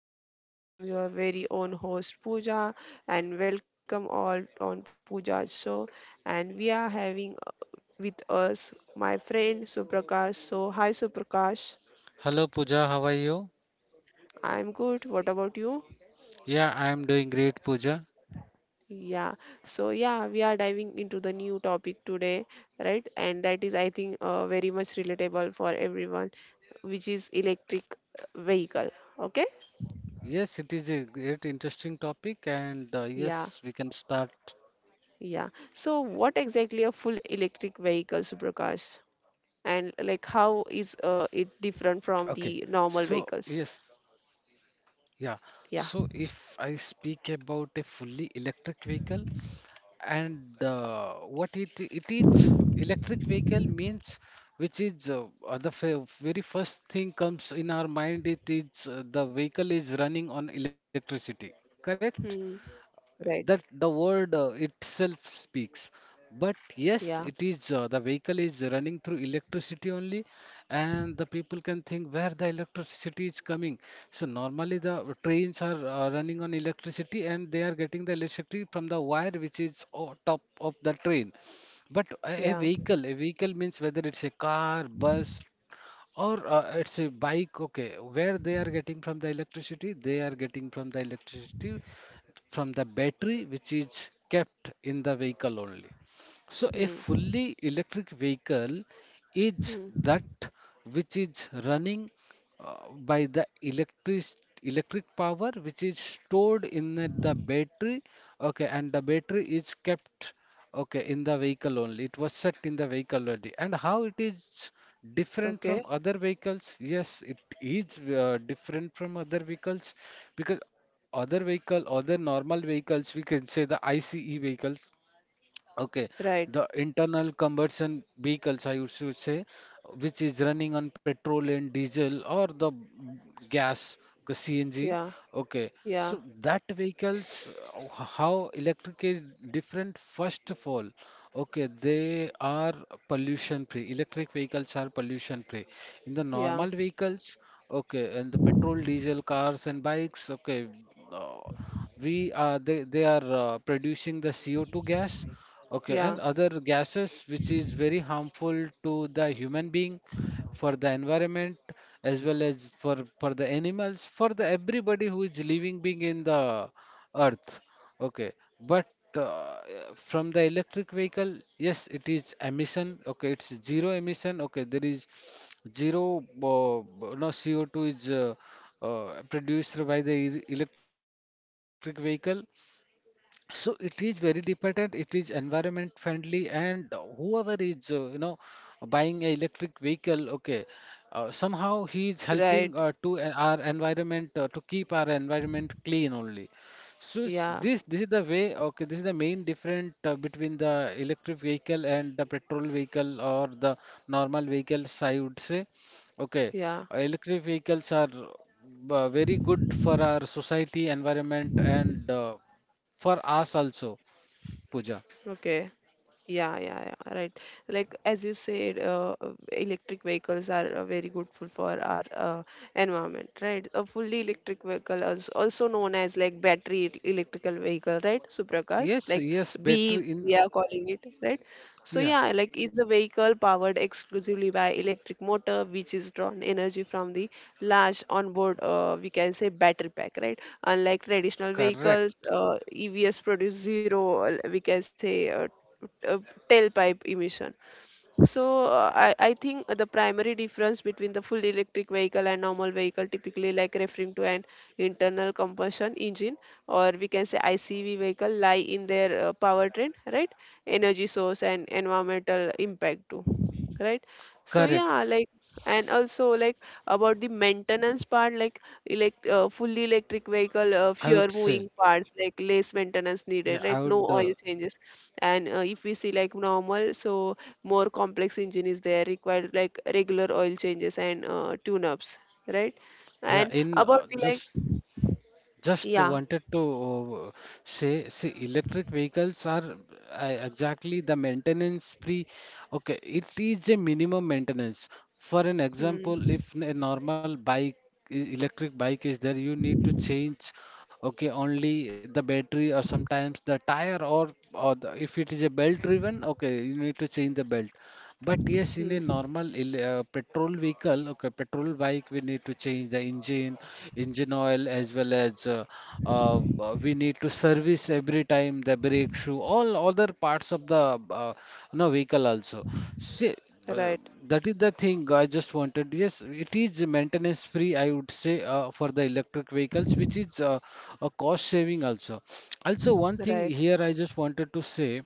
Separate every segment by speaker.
Speaker 1: we are here again. I'm your very own host Pooja, and welcome all on Pooja's show. And we are having with us my friend Suprakash. So, hi Suprakash,
Speaker 2: Hello Pooja, how are you?
Speaker 1: I'm good. What about you?
Speaker 2: Yeah, I am doing great, Pooja.
Speaker 1: Yeah, so we are diving into the new topic today, right? And that is, I think, very much relatable for everyone, which is electric vehicle. Okay,
Speaker 2: Yes, it is a great interesting topic, and
Speaker 1: yeah.
Speaker 2: yes, we can start.
Speaker 1: Yeah. So what exactly a full electric vehicle, Suprakash? And like how is
Speaker 2: Okay,
Speaker 1: it
Speaker 2: so
Speaker 1: different from
Speaker 2: yes,
Speaker 1: the normal vehicles?
Speaker 2: yeah. So if
Speaker 1: Yeah.
Speaker 2: I speak about a fully electric vehicle and what it is, electric vehicle means which is the very first thing comes in our mind. It is the vehicle is running on electricity, correct?
Speaker 1: Hmm. Right.
Speaker 2: That the word itself speaks. But
Speaker 1: Yeah.
Speaker 2: yes, it is the vehicle is running through electricity only, and the people can think where the electricity is coming. So normally the trains are running on electricity, and they are getting the electricity from the wire which is on top of the train. But a
Speaker 1: Yeah.
Speaker 2: vehicle, a vehicle means whether it's a car, bus, or it's a bike, okay, where they are getting from the electricity, they are getting from the electricity from the battery which is kept in the vehicle only. So a
Speaker 1: Hmm.
Speaker 2: fully electric vehicle is
Speaker 1: Hmm.
Speaker 2: that which is running by the electric power which is stored in the battery, okay, and the battery is kept, okay, in the vehicle only. It was set in the vehicle only. And how it is different
Speaker 1: Okay.
Speaker 2: from other vehicles? Yes, it is different from other vehicles because other vehicle, other normal vehicles, we can say the ICE vehicles. Okay,
Speaker 1: Right.
Speaker 2: the internal combustion vehicles, I used to say, which is running on petrol and diesel or the gas, the CNG.
Speaker 1: Yeah.
Speaker 2: Okay,
Speaker 1: Yeah.
Speaker 2: so that vehicles, how electric is different? First of all, okay, they are pollution free. Electric vehicles are pollution free. In the
Speaker 1: Yeah.
Speaker 2: normal vehicles, okay, and the petrol, diesel cars and bikes, okay, uh, we are they are producing the CO2 gas, okay,
Speaker 1: Yeah.
Speaker 2: and other gases which is very harmful to the human being, for the environment, as well as for the animals, for the everybody who is living being in the earth. Okay, but uh, from the electric vehicle, yes, it is emission. Okay, it's zero emission. Okay, there is zero no CO2 is produced by the electric vehicle. So it is very dependent, it is environment friendly, and whoever is, you know, buying a electric vehicle, okay, somehow he is helping
Speaker 1: Right.
Speaker 2: to our environment to keep our environment clean only. So this
Speaker 1: Yeah.
Speaker 2: this is the way, okay, this is the main difference between the electric vehicle and the petrol vehicle or the normal vehicles, I would say. Okay,
Speaker 1: Yeah.
Speaker 2: electric vehicles are very good for our society, environment, and for us also, Pooja.
Speaker 1: Okay. Yeah, right. Like as you said, electric vehicles are very good for our environment, right? A fully electric vehicle is also known as like battery electrical vehicle, right? Suprakash,
Speaker 2: Yes,
Speaker 1: like
Speaker 2: yes, better
Speaker 1: B
Speaker 2: in.
Speaker 1: we are calling it, right? So
Speaker 2: Yeah,
Speaker 1: yeah, like is a vehicle powered exclusively by electric motor, which is drawn energy from the large onboard, we can say battery pack, right? Unlike traditional
Speaker 2: correct.
Speaker 1: vehicles, EVs produce zero, uh, tailpipe emission. So I think the primary difference between the full electric vehicle and normal vehicle typically like referring to an internal combustion engine or we can say ICV vehicle lie in their powertrain, right? Energy source and environmental impact too, right. So
Speaker 2: Correct.
Speaker 1: yeah, like and also like about the maintenance part, like elect fully electric vehicle,
Speaker 2: I
Speaker 1: fewer
Speaker 2: would say,
Speaker 1: moving parts, like less
Speaker 2: yeah, I
Speaker 1: maintenance
Speaker 2: would,
Speaker 1: needed, right? No oil changes, and if we see like normal, so more complex engine is there, required like regular oil changes and tune ups, right.
Speaker 2: yeah,
Speaker 1: And
Speaker 2: in
Speaker 1: about the like,
Speaker 2: just
Speaker 1: yeah.
Speaker 2: wanted to say, see, electric vehicles are exactly the maintenance free. Okay, it is a minimum maintenance. For an example,
Speaker 1: Hmm.
Speaker 2: if a normal bike, electric bike is there, you need to change, okay, only the battery or sometimes the tire or the, if it is a belt driven, okay, you need to change the belt. But yes,
Speaker 1: Hmm.
Speaker 2: in a normal petrol vehicle, okay, petrol bike, we need to change the engine, engine oil, as well as we need to service every time the brake shoe, all other parts of the no vehicle also. See, uh,
Speaker 1: Right,
Speaker 2: that is the thing I just wanted. Yes, it is maintenance free, I would say, for the electric vehicles, which is a cost saving also. Also, one thing
Speaker 1: right.
Speaker 2: here I just wanted to say.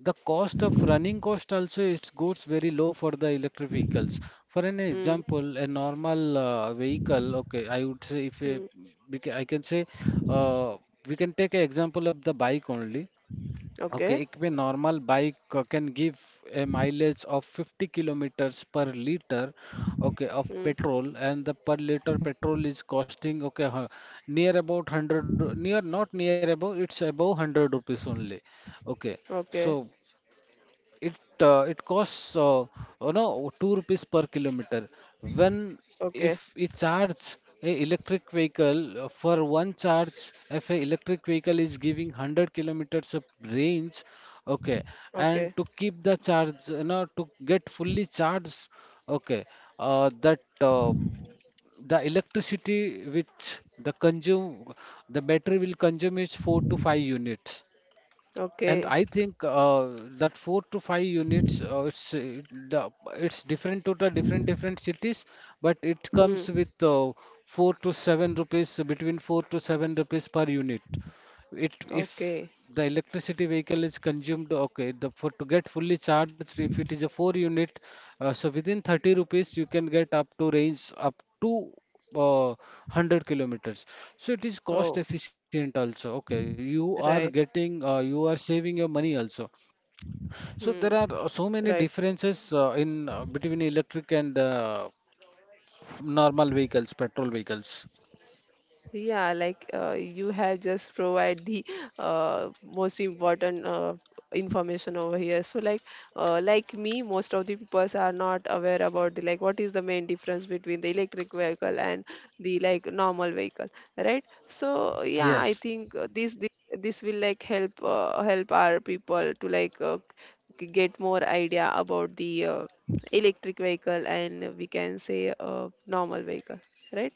Speaker 2: The cost of running cost also it goes very low for the electric vehicles. For an
Speaker 1: Hmm.
Speaker 2: example, a normal vehicle, okay, I would say if a,
Speaker 1: Hmm.
Speaker 2: I can say uh, we can take an example of the bike only.
Speaker 1: Okay.
Speaker 2: Okay, a normal bike can give a mileage of 50 kilometers per liter, okay, of
Speaker 1: Hmm.
Speaker 2: petrol, and the per liter petrol is costing, okay, near about 100 near, not near, above. It's above 100 rupees only. Okay,
Speaker 1: Okay.
Speaker 2: so it it costs, you know, two rupees per kilometer. When,
Speaker 1: Okay.
Speaker 2: if we charge a electric vehicle for one charge, if a electric vehicle is giving 100 kilometers of range, okay, and
Speaker 1: Okay.
Speaker 2: to keep the charge, you know, to get fully charged, okay, that the electricity which the consume, the battery will consume is 4 to 5 units. And
Speaker 1: Okay.
Speaker 2: I think that four to five units, it's the it's different to the different different cities, but it comes
Speaker 1: Hmm.
Speaker 2: with four to seven rupees, between four to seven rupees per unit. It, if
Speaker 1: Okay.
Speaker 2: the electricity vehicle is consumed, okay, the for to get fully charged, if it is a four unit, so within 30 rupees you can get up to range up to, uh, 100 kilometers. So it is cost
Speaker 1: Oh,
Speaker 2: efficient also. Okay, you are
Speaker 1: right.
Speaker 2: getting, you are saving your money also. So
Speaker 1: Hmm.
Speaker 2: there are so
Speaker 1: Right.
Speaker 2: many differences in between electric and normal vehicles, petrol vehicles.
Speaker 1: Yeah, like you have just provide the most important information over here. So like me, most of the people are not aware about the like what is the main difference between the electric vehicle and the like normal vehicle, right? So yeah, I
Speaker 2: Yes.
Speaker 1: think this will like help help our people to like get more idea about the electric vehicle and we can say normal vehicle, right?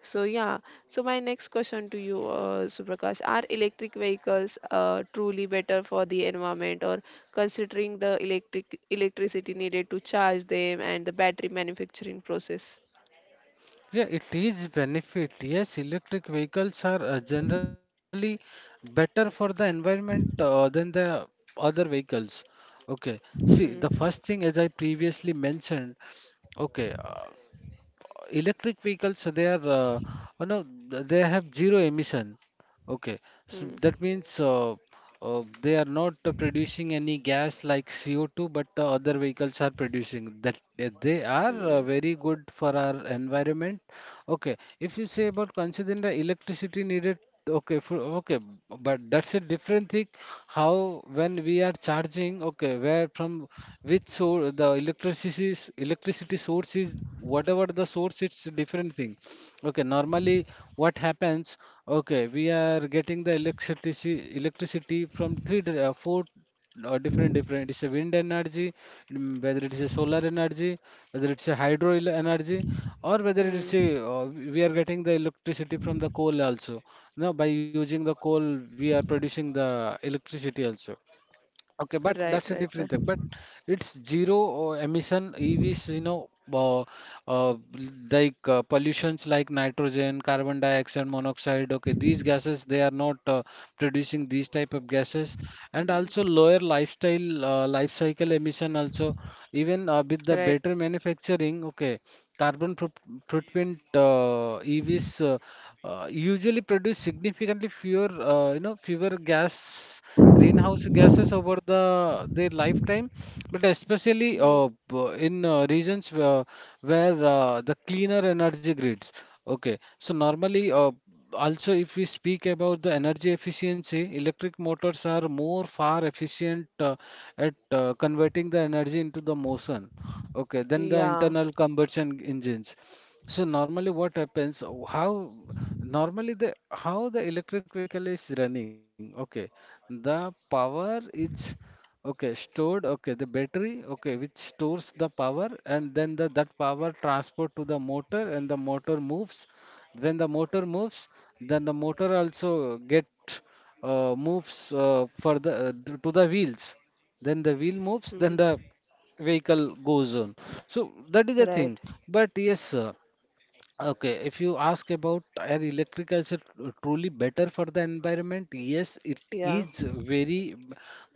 Speaker 1: So yeah, so my next question to you, Suprakash, are electric vehicles truly better for the environment, or considering the electricity needed to charge them and the battery manufacturing process?
Speaker 2: Yeah, it is benefit. Yes, electric vehicles are generally better for the environment than the other vehicles. Okay, see, the
Speaker 1: Hmm.
Speaker 2: first thing, as I previously mentioned, okay, electric vehicles, they are, you know, they have zero emission. Okay, so
Speaker 1: Hmm.
Speaker 2: that means they are not producing any gas like CO2, but other vehicles are producing. That they are
Speaker 1: Hmm.
Speaker 2: very good for our environment. Okay, if you say about considering the electricity needed, okay, for, okay, but that's a different thing. How when we are charging, okay, where from which source the electricity, electricity source is whatever the source, it's a different thing. Okay, normally what happens? Okay, we are getting the electricity from three four or different different. It's a wind energy, mm, whether it is a solar energy, whether it's a hydro energy, or whether it's a,
Speaker 1: Hmm.
Speaker 2: uh, we are getting the electricity from the coal also. Now by using the coal we are producing the electricity also. Okay, but
Speaker 1: Right, right,
Speaker 2: that's a
Speaker 1: right.
Speaker 2: different thing. But it's zero emission EVs, you know, uh, like pollutions like nitrogen, carbon dioxide, monoxide. Okay, these gases they are not producing these type of gases, and also
Speaker 1: Hmm.
Speaker 2: lower lifestyle life cycle emission also. Even with the
Speaker 1: Right.
Speaker 2: better manufacturing, okay, carbon footprint EVs. Usually produce significantly fewer, you know, fewer gas, greenhouse gases over the their lifetime, but especially
Speaker 1: Hmm.
Speaker 2: b- in regions where the cleaner energy grids. Okay, so normally also if we speak about the energy efficiency, electric motors are more far efficient at converting the energy into the motion. Okay, then the
Speaker 1: Yeah.
Speaker 2: internal combustion engines. So normally what happens, how normally the how the electric vehicle is running, okay. The power is, okay, stored, okay, the battery, okay, which stores the power and then the that power transport to the motor and the motor moves. When the motor moves, then the motor also get moves for the to the wheels. Then the wheel moves,
Speaker 1: Hmm.
Speaker 2: then the vehicle goes on. So that is the
Speaker 1: Right.
Speaker 2: thing. But yes. Okay, if you ask about are electric cars are truly better for the environment, yes, it
Speaker 1: Yeah.
Speaker 2: is very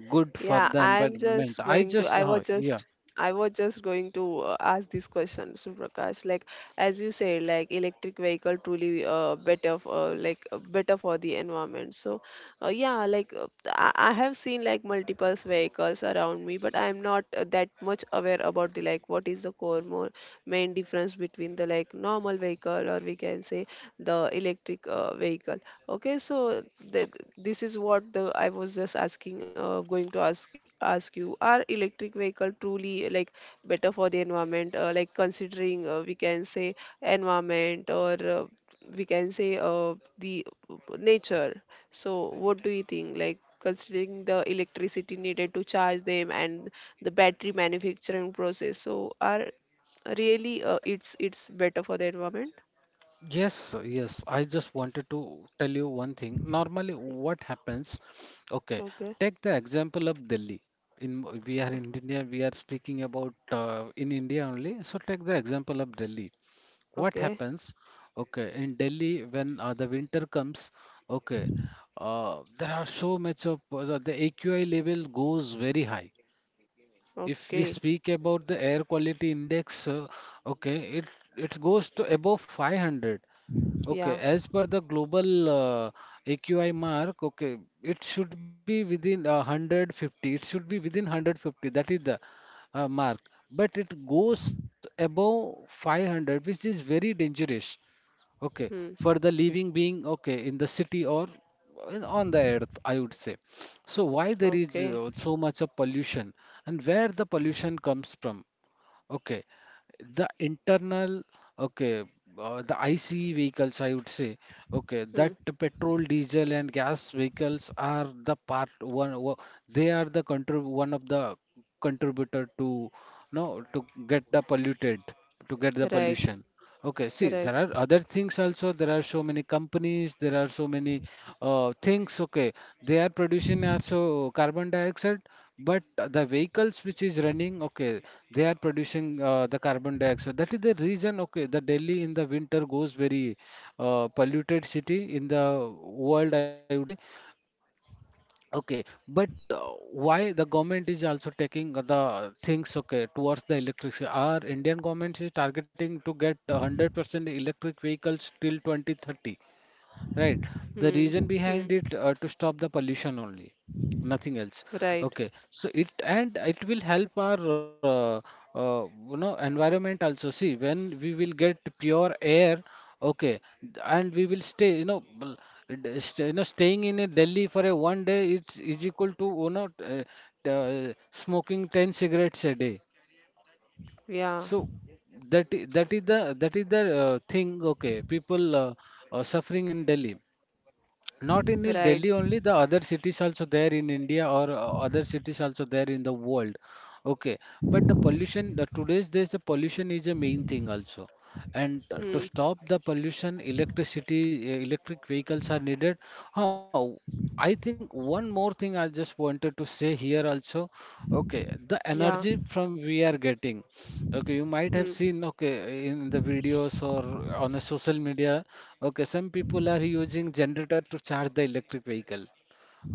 Speaker 2: good for
Speaker 1: Yeah,
Speaker 2: the
Speaker 1: I'm
Speaker 2: environment.
Speaker 1: just
Speaker 2: I
Speaker 1: going to.
Speaker 2: just,
Speaker 1: I was
Speaker 2: yeah.
Speaker 1: just. I was just going to ask this question, Suprakash. Like as you say, like electric vehicle truly better for the environment. So, yeah, like I have seen like multiple vehicles around me, but I'm not that much aware about the like what is the core more main difference between the like normal vehicle or we can say the electric vehicle. Okay, so
Speaker 2: So,
Speaker 1: that this is what the I was just asking, going to ask you, are electric vehicle truly like better for the environment? Like considering we can say environment or we can say the nature. So what do you think? Like considering the electricity needed to charge them and the battery manufacturing process. So are really it's better for the environment?
Speaker 2: yes, yes, I just wanted to tell you one thing. Normally, what happens? Okay,
Speaker 1: Okay,
Speaker 2: take the example of Delhi. In we are in India, we are speaking about in India only. So take the example of Delhi. What
Speaker 1: okay,
Speaker 2: happens, okay, in Delhi when the winter comes, okay, there are so much of, the AQI level goes very high. If we
Speaker 1: okay.
Speaker 2: speak about the air quality index, okay, it goes to above 500. Okay,
Speaker 1: Yeah.
Speaker 2: as per the global AQI mark, okay, it should be within 150. It should be within 150. That is the mark. But it goes above 500, which is very dangerous. Okay, for
Speaker 1: Hmm.
Speaker 2: the living being, okay, in the city or on the earth, I would say. So why there is
Speaker 1: Okay.
Speaker 2: so much of pollution and where the pollution comes from? Okay, the internal, okay, the ICE vehicles, I would say, okay, that
Speaker 1: Hmm.
Speaker 2: petrol, diesel, and gas vehicles are the part one. They are the contrib one of the contributor to no to get the polluted, to get the
Speaker 1: Right,
Speaker 2: pollution. Okay, see, there
Speaker 1: right.
Speaker 2: are other things also. There are so many companies, there are so many things. Okay, they are producing also carbon dioxide, but the vehicles which is running, okay, they are producing the carbon dioxide. That is the reason, okay, the Delhi in the winter goes very polluted city in the world, I would say. Okay, but why the government is also taking the things okay towards the electric? Our Indian government is targeting to get 100% electric vehicles till 2030. Right.
Speaker 1: Hmm.
Speaker 2: The reason
Speaker 1: Hmm.
Speaker 2: behind it, to stop the pollution only, nothing else.
Speaker 1: Right.
Speaker 2: Okay. So it will help our environment also. See, when we will get pure air, okay, and we will stay. Staying in a Delhi for a 1 day it's is equal to t- smoking 10 cigarettes a day.
Speaker 1: Yeah.
Speaker 2: So that I- that is the thing. Okay, people are suffering in Delhi. Not in
Speaker 1: Right.
Speaker 2: Delhi only, the other cities also there in India or other cities also there in the world. Okay, but the pollution, the today's days, the pollution is a main thing also. And to
Speaker 1: Hmm.
Speaker 2: stop the pollution, electric vehicles are needed. How? I think one more thing I just wanted to say here also. Okay, the
Speaker 1: Yeah.
Speaker 2: energy from we are getting. Okay, you might
Speaker 1: Hmm.
Speaker 2: have seen, okay, in the videos or on a social media, okay, some people are using generator to charge the electric vehicle.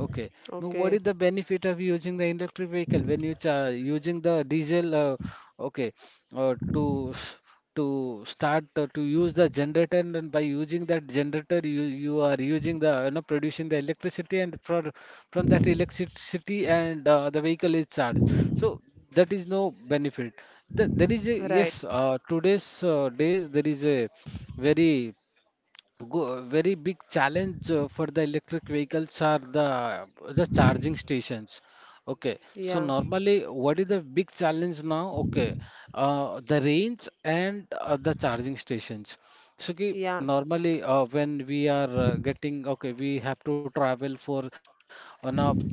Speaker 2: Okay. Now,
Speaker 1: Okay.
Speaker 2: what is the benefit of using the electric vehicle when you cha using the diesel? Okay, to s- to Start to use the generator, and then by using that generator, you are using the producing the electricity, and for from that electricity and the vehicle is charged. So that is no benefit. The, there is a
Speaker 1: Right.
Speaker 2: yes. Today's days there is a very very big challenge for the electric vehicles are the charging stations. Okay, so
Speaker 1: Yeah.
Speaker 2: normally what is the big challenge now? Okay, the range and the charging stations. So ki
Speaker 1: Yeah.
Speaker 2: normally when we are getting, okay, we have to travel for on a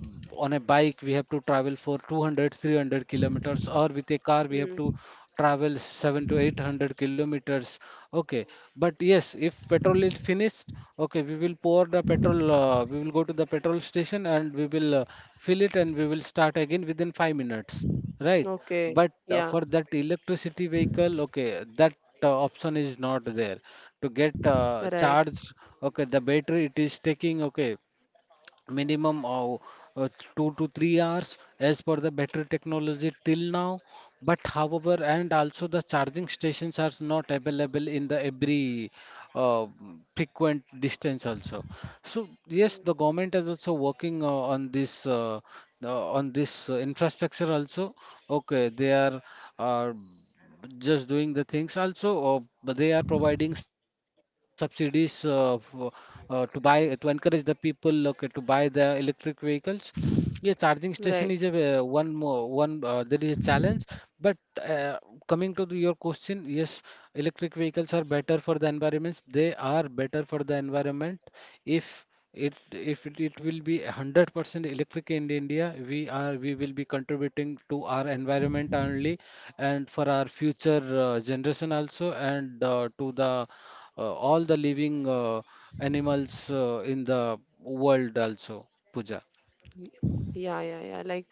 Speaker 2: on a bike we have to travel for 200, 300 kilometers, or with a car we have
Speaker 1: Hmm.
Speaker 2: to travel 7 to 800 kilometers. Okay, but yes, if petrol is finished, okay, we will pour the petrol. We will go to the petrol station and we will fill it and we will start again within 5 minutes. Right, but
Speaker 1: Okay.
Speaker 2: for
Speaker 1: Yeah.
Speaker 2: that electricity vehicle, okay, that option is not there. To get
Speaker 1: Right,
Speaker 2: charged, okay, the battery it is taking, okay, minimum of uh, 2 to 3 hours as per the battery technology till now. But however, and also the charging stations are not available in the every uh, frequent distance also. So yes, the government is also working on this infrastructure also. Okay, they are. Uh, just doing the things also, or but they are providing subsidies for, to buy to encourage the people, okay, to buy the electric vehicles. Yeah, charging station is a
Speaker 1: right.
Speaker 2: one more one there is a challenge, but uh, coming to the, your question, yes, electric vehicles are better for the environments, they are better for the environment. If it will be 100% electric in India, we will be contributing to our environment only, and for our future generation also, and to the all the living animals in the world also, Pooja.
Speaker 1: Y- Yeah, yeah, yeah. Like,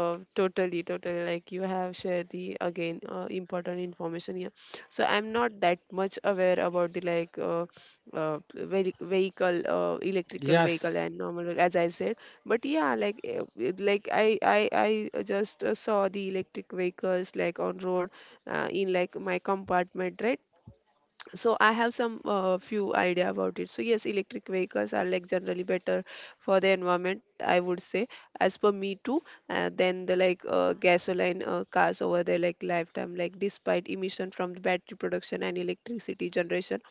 Speaker 1: totally. Like you have shared the again important information here. So I'm not that much aware about the like vehicle, electrical vehicle
Speaker 2: Yes,
Speaker 1: and normal vehicle, as I said. But yeah, like like I just saw the electric vehicles like on road in like my compartment, right? So I have some few idea about it. So yes, electric vehicles are like generally better for the environment, I would say, as per me too, then the like gasoline cars over there like lifetime, like despite emission from the battery production and electricity generation,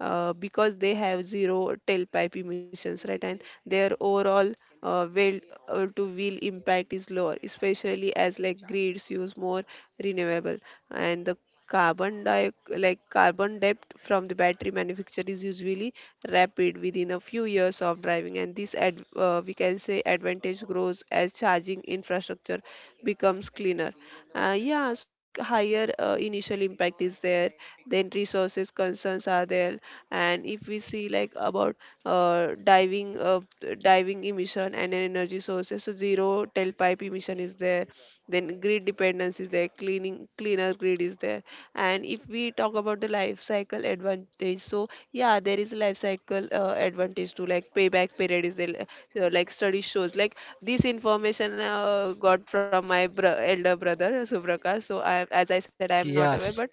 Speaker 1: because they have zero tailpipe emissions, right? And their overall wheel to wheel impact is lower, especially as like grids use more renewable, and the carbon di- like carbon debt from the battery manufacturer is usually rapid within a few years of driving, and this we can say advantage grows as charging infrastructure becomes cleaner. Yeah, so like higher initial impact is there, then resources concerns are there. And if we see like about uh, diving uh, diving emission and energy sources, so zero tailpipe emission is there, then grid dependence is there, cleaning cleaner grid is there. And if we talk about the life cycle advantage, so yeah, there is life cycle advantage to like payback period is the like study shows like this information got from my elder brother Subraka. So I, as I said, I am
Speaker 2: yes,
Speaker 1: not aware, but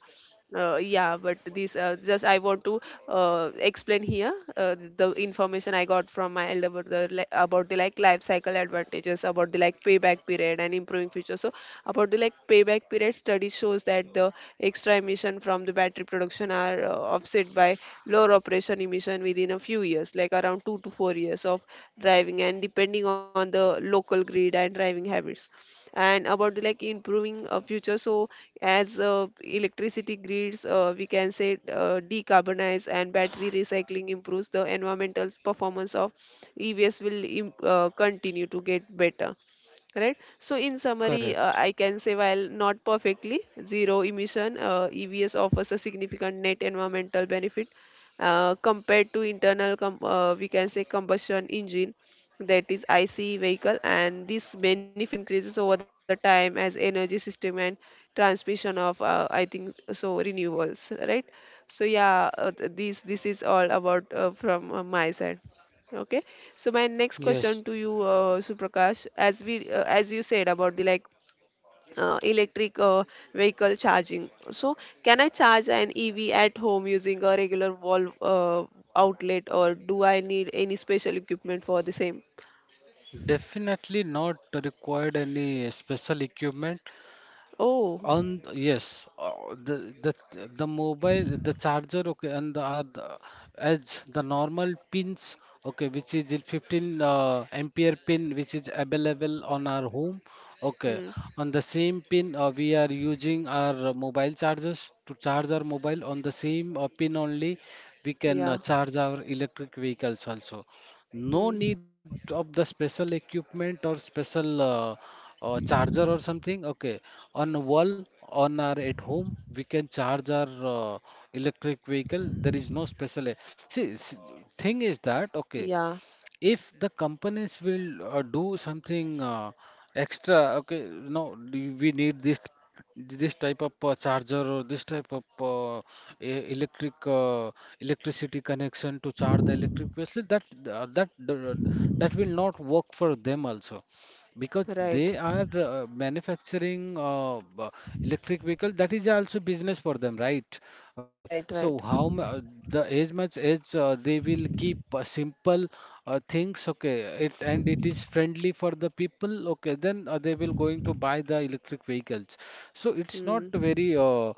Speaker 1: yeah, but this just I want to explain here the information I got from my elder brother, about the like life cycle advantages, about the like payback period and improving future. So about the like payback period, study shows that the extra emission from the battery production are offset by lower operation emission within a few years, like around 2 to 4 years of driving, and depending on the local grid and driving habits. And about the like improving future, so as electricity grids, we can say, decarbonize and battery recycling improves the environmental performance of EVs, will continue to get better, right. So in summary,
Speaker 2: correct.
Speaker 1: I can say, while not perfectly zero emission, EVs offers a significant net environmental benefit compared to internal we can say combustion engine, that is ICE vehicle, and this benefit increases over the time as energy system and transmission of, I think so, renewables, right. So yeah, this is all about from my side. Okay, so my next
Speaker 2: Yes,
Speaker 1: question to you, Suprakash, as we as you said about the like electric vehicle charging. So can I charge an EV at home using a regular wall outlet, or do I need any special equipment for the same?
Speaker 2: definitely not required any special equipment.
Speaker 1: Oh,
Speaker 2: On, yes, the the the mobile the charger, okay, are the normal pins, okay, which is 15 ampere pin which is available on our home. Okay,
Speaker 1: mm,
Speaker 2: on the same pin we are using our mobile chargers to charge our mobile. On the same pin only we can
Speaker 1: yeah,
Speaker 2: charge our electric vehicles also. No need
Speaker 1: mm,
Speaker 2: of the special equipment or special charger or something. Okay, on wall, on our at home, we can charge our electric vehicle. There is no special. See, thing is that,
Speaker 1: yeah,
Speaker 2: okay, if the companies will do something extra, okay, no, do we need this this type of charger or this type of electric electricity connection to charge the electric vessel, that uh, that d- that will not work for them also, because
Speaker 1: right,
Speaker 2: they are manufacturing electric vehicle, that is also business for them, right? Okay,
Speaker 1: right,
Speaker 2: so
Speaker 1: right.
Speaker 2: the as much as they will keep simple things, okay, it and it is friendly for the people, okay, then they will going to buy the electric vehicles. So it's not
Speaker 1: Mm,
Speaker 2: very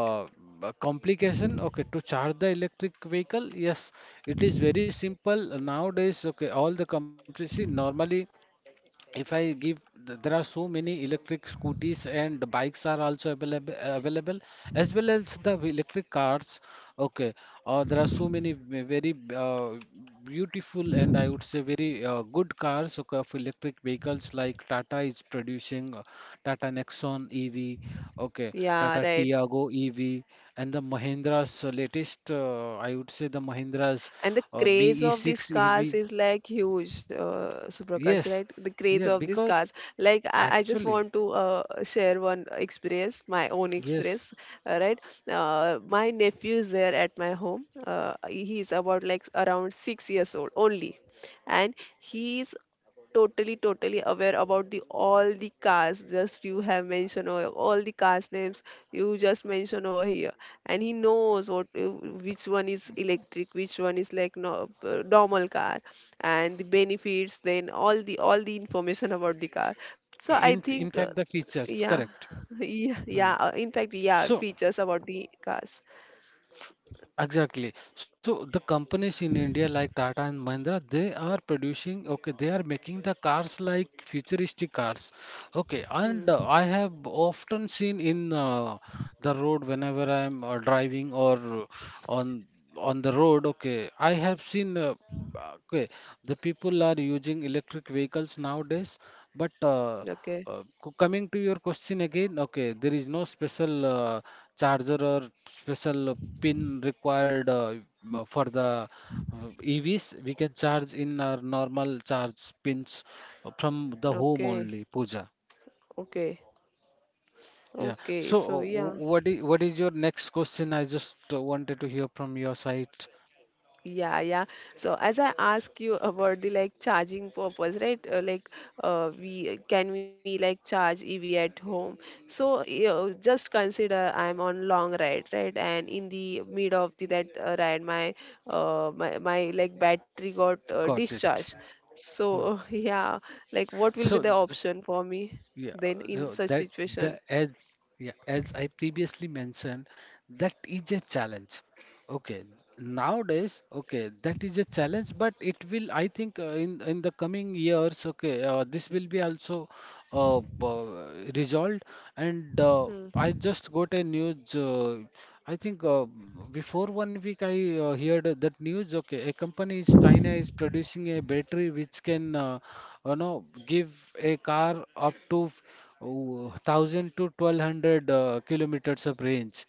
Speaker 2: uh, a complication, okay, to charge the electric vehicle. Yes, it is very simple nowadays. Okay, all the companies, see normally, if I give, there are so many electric scooters and bikes are also available as well as the electric cars. Okay, there are so many very beautiful and I would say very good cars, okay, of electric vehicles, like Tata is producing Tata Nexon EV, okay,
Speaker 1: yeah,
Speaker 2: Tata
Speaker 1: right.
Speaker 2: Tiago EV, and the Mahindra's latest, I would say the Mahindra's
Speaker 1: And the craze of these
Speaker 2: BE6
Speaker 1: cars
Speaker 2: EV.
Speaker 1: is like huge, Suprakash, right?
Speaker 2: Yes.
Speaker 1: The craze
Speaker 2: Yeah,
Speaker 1: of these
Speaker 2: because
Speaker 1: cars, like I just want
Speaker 2: Actually,
Speaker 1: to share one experience, my own experience.
Speaker 2: yes.
Speaker 1: Right. My nephew is there at my home. He's about like around 6 years old only, and he's totally totally aware about the all the cars, just you have mentioned over, all the cars names you just mentioned over here. And he knows what which one is electric, which one is like, no, normal car, and the benefits, then all the information about the car. So I think,
Speaker 2: In fact, the
Speaker 1: yeah.
Speaker 2: features, correct.
Speaker 1: Yeah, yeah,
Speaker 2: Hmm.
Speaker 1: in fact yeah,
Speaker 2: So
Speaker 1: features about the cars.
Speaker 2: exactly. So the companies in India like Tata and Mahindra, they are producing. Okay, they are making the cars like futuristic cars. Okay, and
Speaker 1: Hmm.
Speaker 2: I have often seen in the road whenever I'm driving or on. on the road, okay, I have seen uh, okay the people are using electric vehicles nowadays, but
Speaker 1: Okay.
Speaker 2: coming to your question again, okay, there is no special charger or special pin required, for the EVs we can charge in our normal charge pins from the home
Speaker 1: Okay.
Speaker 2: only, Pooja.
Speaker 1: Okay.
Speaker 2: Yeah,
Speaker 1: Okay.
Speaker 2: so
Speaker 1: So yeah.
Speaker 2: what is your next question, I just wanted to hear from your side.
Speaker 1: Yeah, yeah. So as I ask you about the like charging purpose, right? Like, we can we like charge EV at home? So you just consider I'm on long ride, right? And in the mid of the that ride, my my like battery got
Speaker 2: Got
Speaker 1: discharged.
Speaker 2: it. Hmm.
Speaker 1: So yeah, like what will be
Speaker 2: So,
Speaker 1: the
Speaker 2: th-
Speaker 1: option for me
Speaker 2: yeah,
Speaker 1: then in
Speaker 2: so
Speaker 1: such
Speaker 2: that the
Speaker 1: situation?
Speaker 2: as yeah, as I previously mentioned, that is a challenge. Okay, nowadays, okay, that is a challenge, but it will, I think, in the coming years, okay, this will be also resolved. And
Speaker 1: Hmm.
Speaker 2: I just got a news. I think before 1 week I heard that news. Okay, a company is China is producing a battery which can, give a car up to 1,000 to 1,200 kilometers of range.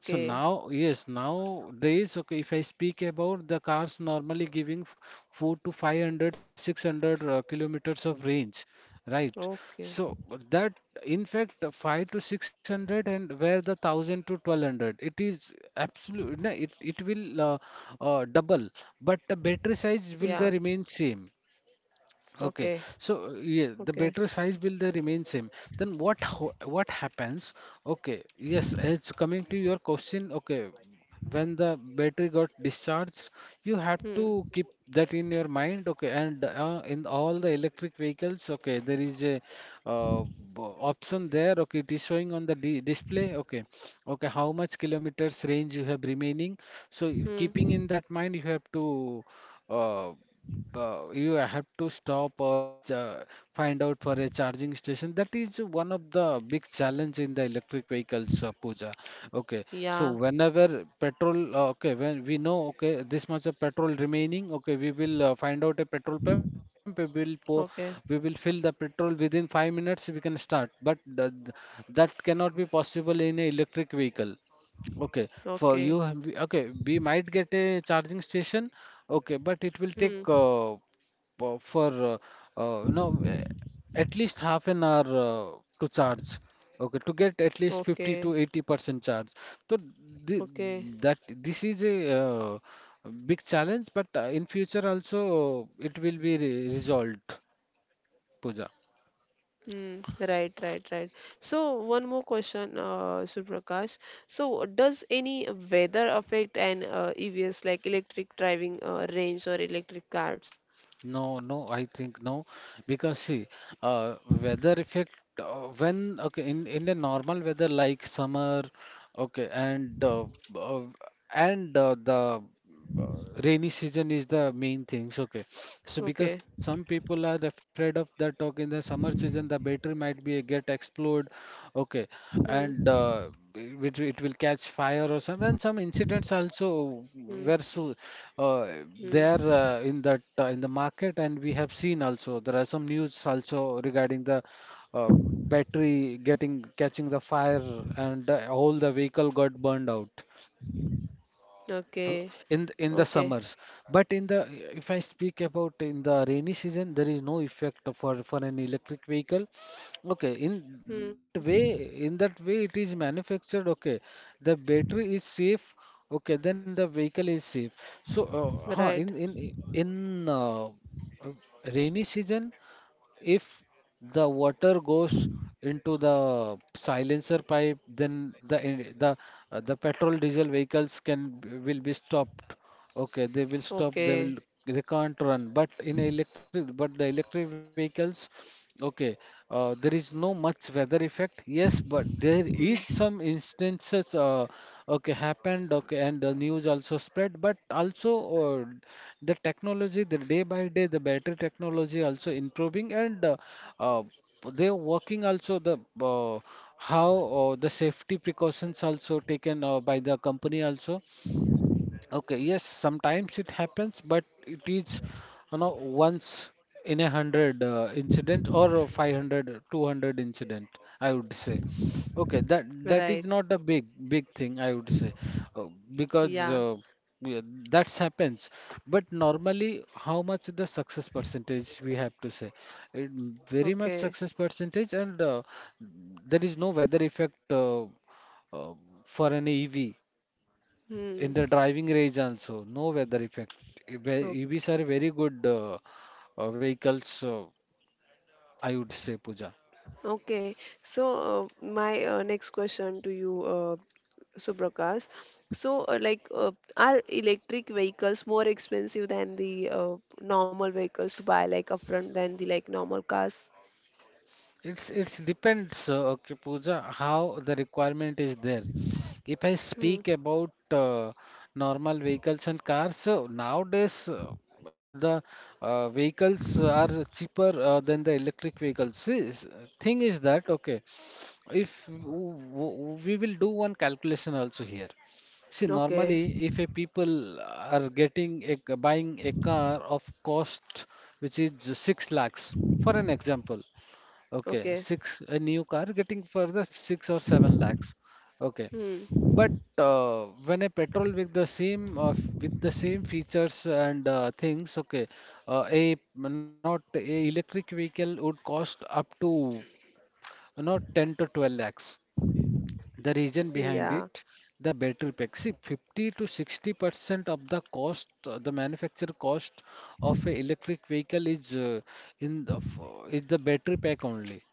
Speaker 2: So now, yes, nowadays, okay, if I speak about the cars normally giving 4 to 500, 600 kilometers of range, right?
Speaker 1: Okay.
Speaker 2: So but that, in fact, 5 to 600, and where the 1000 to 1200, it is absolute, no, it will double, but the battery size
Speaker 1: Yeah.
Speaker 2: will the remain same. Okay,
Speaker 1: Okay.
Speaker 2: so yeah, the
Speaker 1: Okay.
Speaker 2: battery size will they remain same. Then what happens? Okay, yes, it's coming to your question. Okay, when the battery got discharged, you have to
Speaker 1: Hmm.
Speaker 2: keep that in your mind. Okay, and in all the electric vehicles, okay, there is a option there. Okay, it is showing on the di display. Okay, okay, how much kilometers range you have remaining. So if
Speaker 1: Hmm.
Speaker 2: keeping in that mind, you have to. Uh, you have to stop or uh, find out for a charging station. That is one of the big challenge in the electric vehicles, Pooja. Okay, so
Speaker 1: Yeah.
Speaker 2: whenever petrol, okay, when we know, okay, this much of petrol remaining, okay, we will find out a petrol pump. We will pour, we will
Speaker 1: Okay,
Speaker 2: fill the petrol within 5 minutes. We can start, but the, that cannot be possible in an electric vehicle. Okay, for
Speaker 1: okay,
Speaker 2: you, okay, we might get a charging station, okay, but it will take
Speaker 1: hmm,
Speaker 2: po- for uh, you know eh, at least half an hour to charge, okay, to get at least 50
Speaker 1: okay,
Speaker 2: to 80% charge. So th
Speaker 1: okay,
Speaker 2: that this is a big challenge, but in future also it will be re resolved, Pooja.
Speaker 1: hmm, right, right, right. So one more question, Suprakash. So does any weather affect an EVs, like electric driving range or electric cars?
Speaker 2: No, no, I think no, because see, weather effect when okay in a normal weather like summer, okay, uh, and the rainy season is the main things, okay. So because
Speaker 1: Okay,
Speaker 2: some people are afraid of that, okay, in the summer season the battery might be get explode, okay, and
Speaker 1: hmm,
Speaker 2: which it will catch fire or some and some incidents also
Speaker 1: hmm,
Speaker 2: were so, uh,
Speaker 1: hmm,
Speaker 2: there, in that in the market, and we have seen also there are some news also regarding the uh, battery getting catching the fire, and all the vehicle got burned out uh,
Speaker 1: okay,
Speaker 2: in in the
Speaker 1: okay,
Speaker 2: summers. But in the, if I speak about, in the rainy season there is no effect for an electric vehicle, okay, that
Speaker 1: hmm,
Speaker 2: way in that way it is manufactured, okay, the battery is safe, okay, then the vehicle is safe. So in
Speaker 1: right,
Speaker 2: in in uh, uh, rainy season, if the water goes into the silencer pipe, then the en- the the petrol diesel vehicles can will be stopped. Okay, they will stop. They will
Speaker 1: okay,
Speaker 2: they can't run. But the electric vehicles, okay, there is no much weather effect, yes, but there
Speaker 1: hmm,
Speaker 2: is some instances, okay, happened, okay, and the news also spread, but also uh, the technology, the day by day, the battery technology also improving, and uh, they're working also the how the safety precautions also taken by the company also. Okay, yes, sometimes it happens, but it is, once in a 100 incident or a 500, 200 incident, I would say. Okay, that is
Speaker 1: right,
Speaker 2: not a big big thing, I would say, uh, because,
Speaker 1: yeah,
Speaker 2: yeah, that's happens. But normally, how much the success percentage we have to say? It, very much
Speaker 1: okay,
Speaker 2: success percentage, and there is no weather effect uh, for an EV in the
Speaker 1: hmm,
Speaker 2: driving range also, no weather effect.
Speaker 1: okay.
Speaker 2: EVs are very good, vehicles, I would say, Pooja.
Speaker 1: Okay, so my next question to you, Subrakas. So, like, are electric vehicles more expensive than the normal vehicles to buy, like, upfront than the like normal cars?
Speaker 2: It's depends, okay, Pooja, how the requirement is there. If I
Speaker 1: Hmm.
Speaker 2: speak about normal vehicles and cars, so nowadays the vehicles are cheaper than the electric vehicles. See, thing is that, okay. If we will do one calculation also here. See,
Speaker 1: Okay.
Speaker 2: normally, if a people are getting buying a car of cost which is 6 lakhs, for an example, okay,
Speaker 1: Okay.
Speaker 2: six a new car getting for the 6 or 7 lakhs, okay.
Speaker 1: Hmm.
Speaker 2: But when a petrol with the same with the same features and things, okay, a not a electric vehicle would cost up to not 10 to 12 lakhs. The reason
Speaker 1: Yeah.
Speaker 2: behind it, the battery pack. See, 50 to 60% of the cost, the manufacturer cost of a electric vehicle is in the, f- is the battery pack only.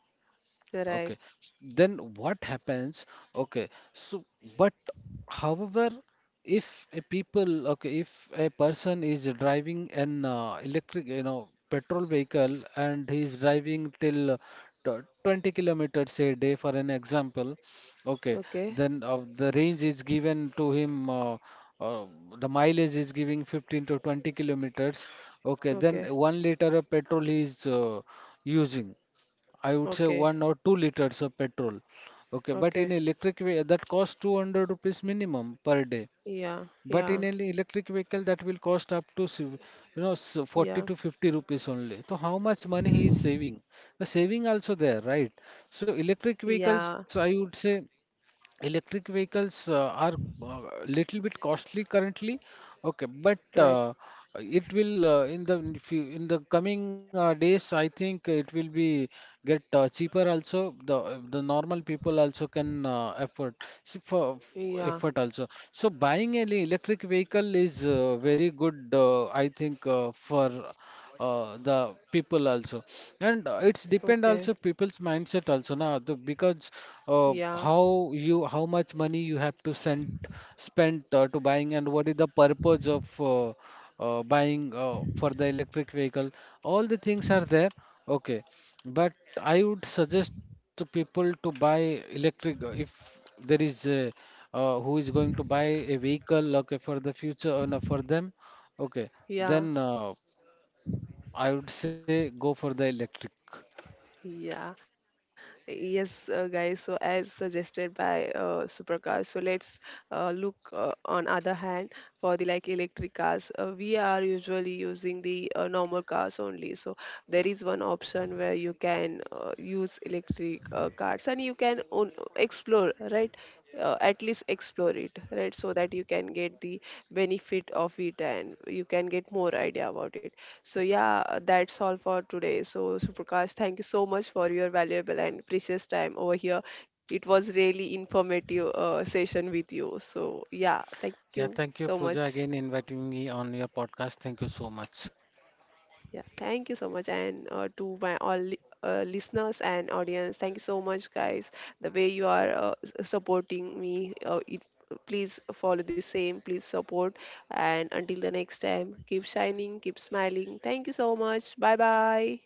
Speaker 1: You're
Speaker 2: Okay.
Speaker 1: right.
Speaker 2: Then what happens? Okay. So, but however, if a people, okay, if a person is driving an electric, petrol vehicle and he's driving till 20 kilometers a day, for an example, okay,
Speaker 1: Okay.
Speaker 2: then the range is given to him, uh, the mileage is giving 15 to 20 kilometers, okay, then
Speaker 1: Okay.
Speaker 2: 1 liter of petrol he is using. I would say
Speaker 1: Okay.
Speaker 2: 1 or 2 liters of petrol. Okay, but in
Speaker 1: Okay.
Speaker 2: that costs 200 rupees minimum per day.
Speaker 1: Yeah.
Speaker 2: But
Speaker 1: Yeah.
Speaker 2: in an electric vehicle that will cost up to 40
Speaker 1: Yeah.
Speaker 2: to 50 rupees only. So how much money he is saving? The saving also there, right? So electric vehicles,
Speaker 1: Yeah.
Speaker 2: I would say. Electric vehicles are uh, little bit costly currently, okay, but
Speaker 1: Right.
Speaker 2: it will in the few in the coming days, I think it will be get cheaper also. The normal people also can afford, see, for
Speaker 1: Yeah.
Speaker 2: effort also. So buying an electric vehicle is very good, I think, for the people also, and it's depend
Speaker 1: Okay.
Speaker 2: also people's mindset also now, because
Speaker 1: Yeah.
Speaker 2: how you how much money you have to send spent to buying, and what is the purpose of buying for the electric vehicle. All the things are there, okay, but I would suggest to people to buy electric, if there is a, who is going to buy a vehicle, okay, for the future, no, for them, okay,
Speaker 1: Yeah.
Speaker 2: then I would say go for the electric.
Speaker 1: Yeah, yes, guys. So, as suggested by Supercars, so let's look on other hand for the like electric cars. We are usually using the normal cars only. So, there is one option where you can use electric cars and you can own, explore, right? At least explore it, right? So that you can get the benefit of it and you can get more idea about it. So yeah, that's all for today. So Suprakash, thank you so much for your valuable and precious time over here. It was really informative session with you. So yeah, thank
Speaker 2: Yeah,
Speaker 1: you
Speaker 2: thank you,
Speaker 1: so much.
Speaker 2: Pooja, again inviting me on your podcast. Thank you so much.
Speaker 1: Yeah, thank you so much, and to my all listeners and audience, thank you so much, guys. The way you are supporting me, please follow the same. Please support, and until the next time, keep shining, keep smiling. Thank you so much. Bye bye.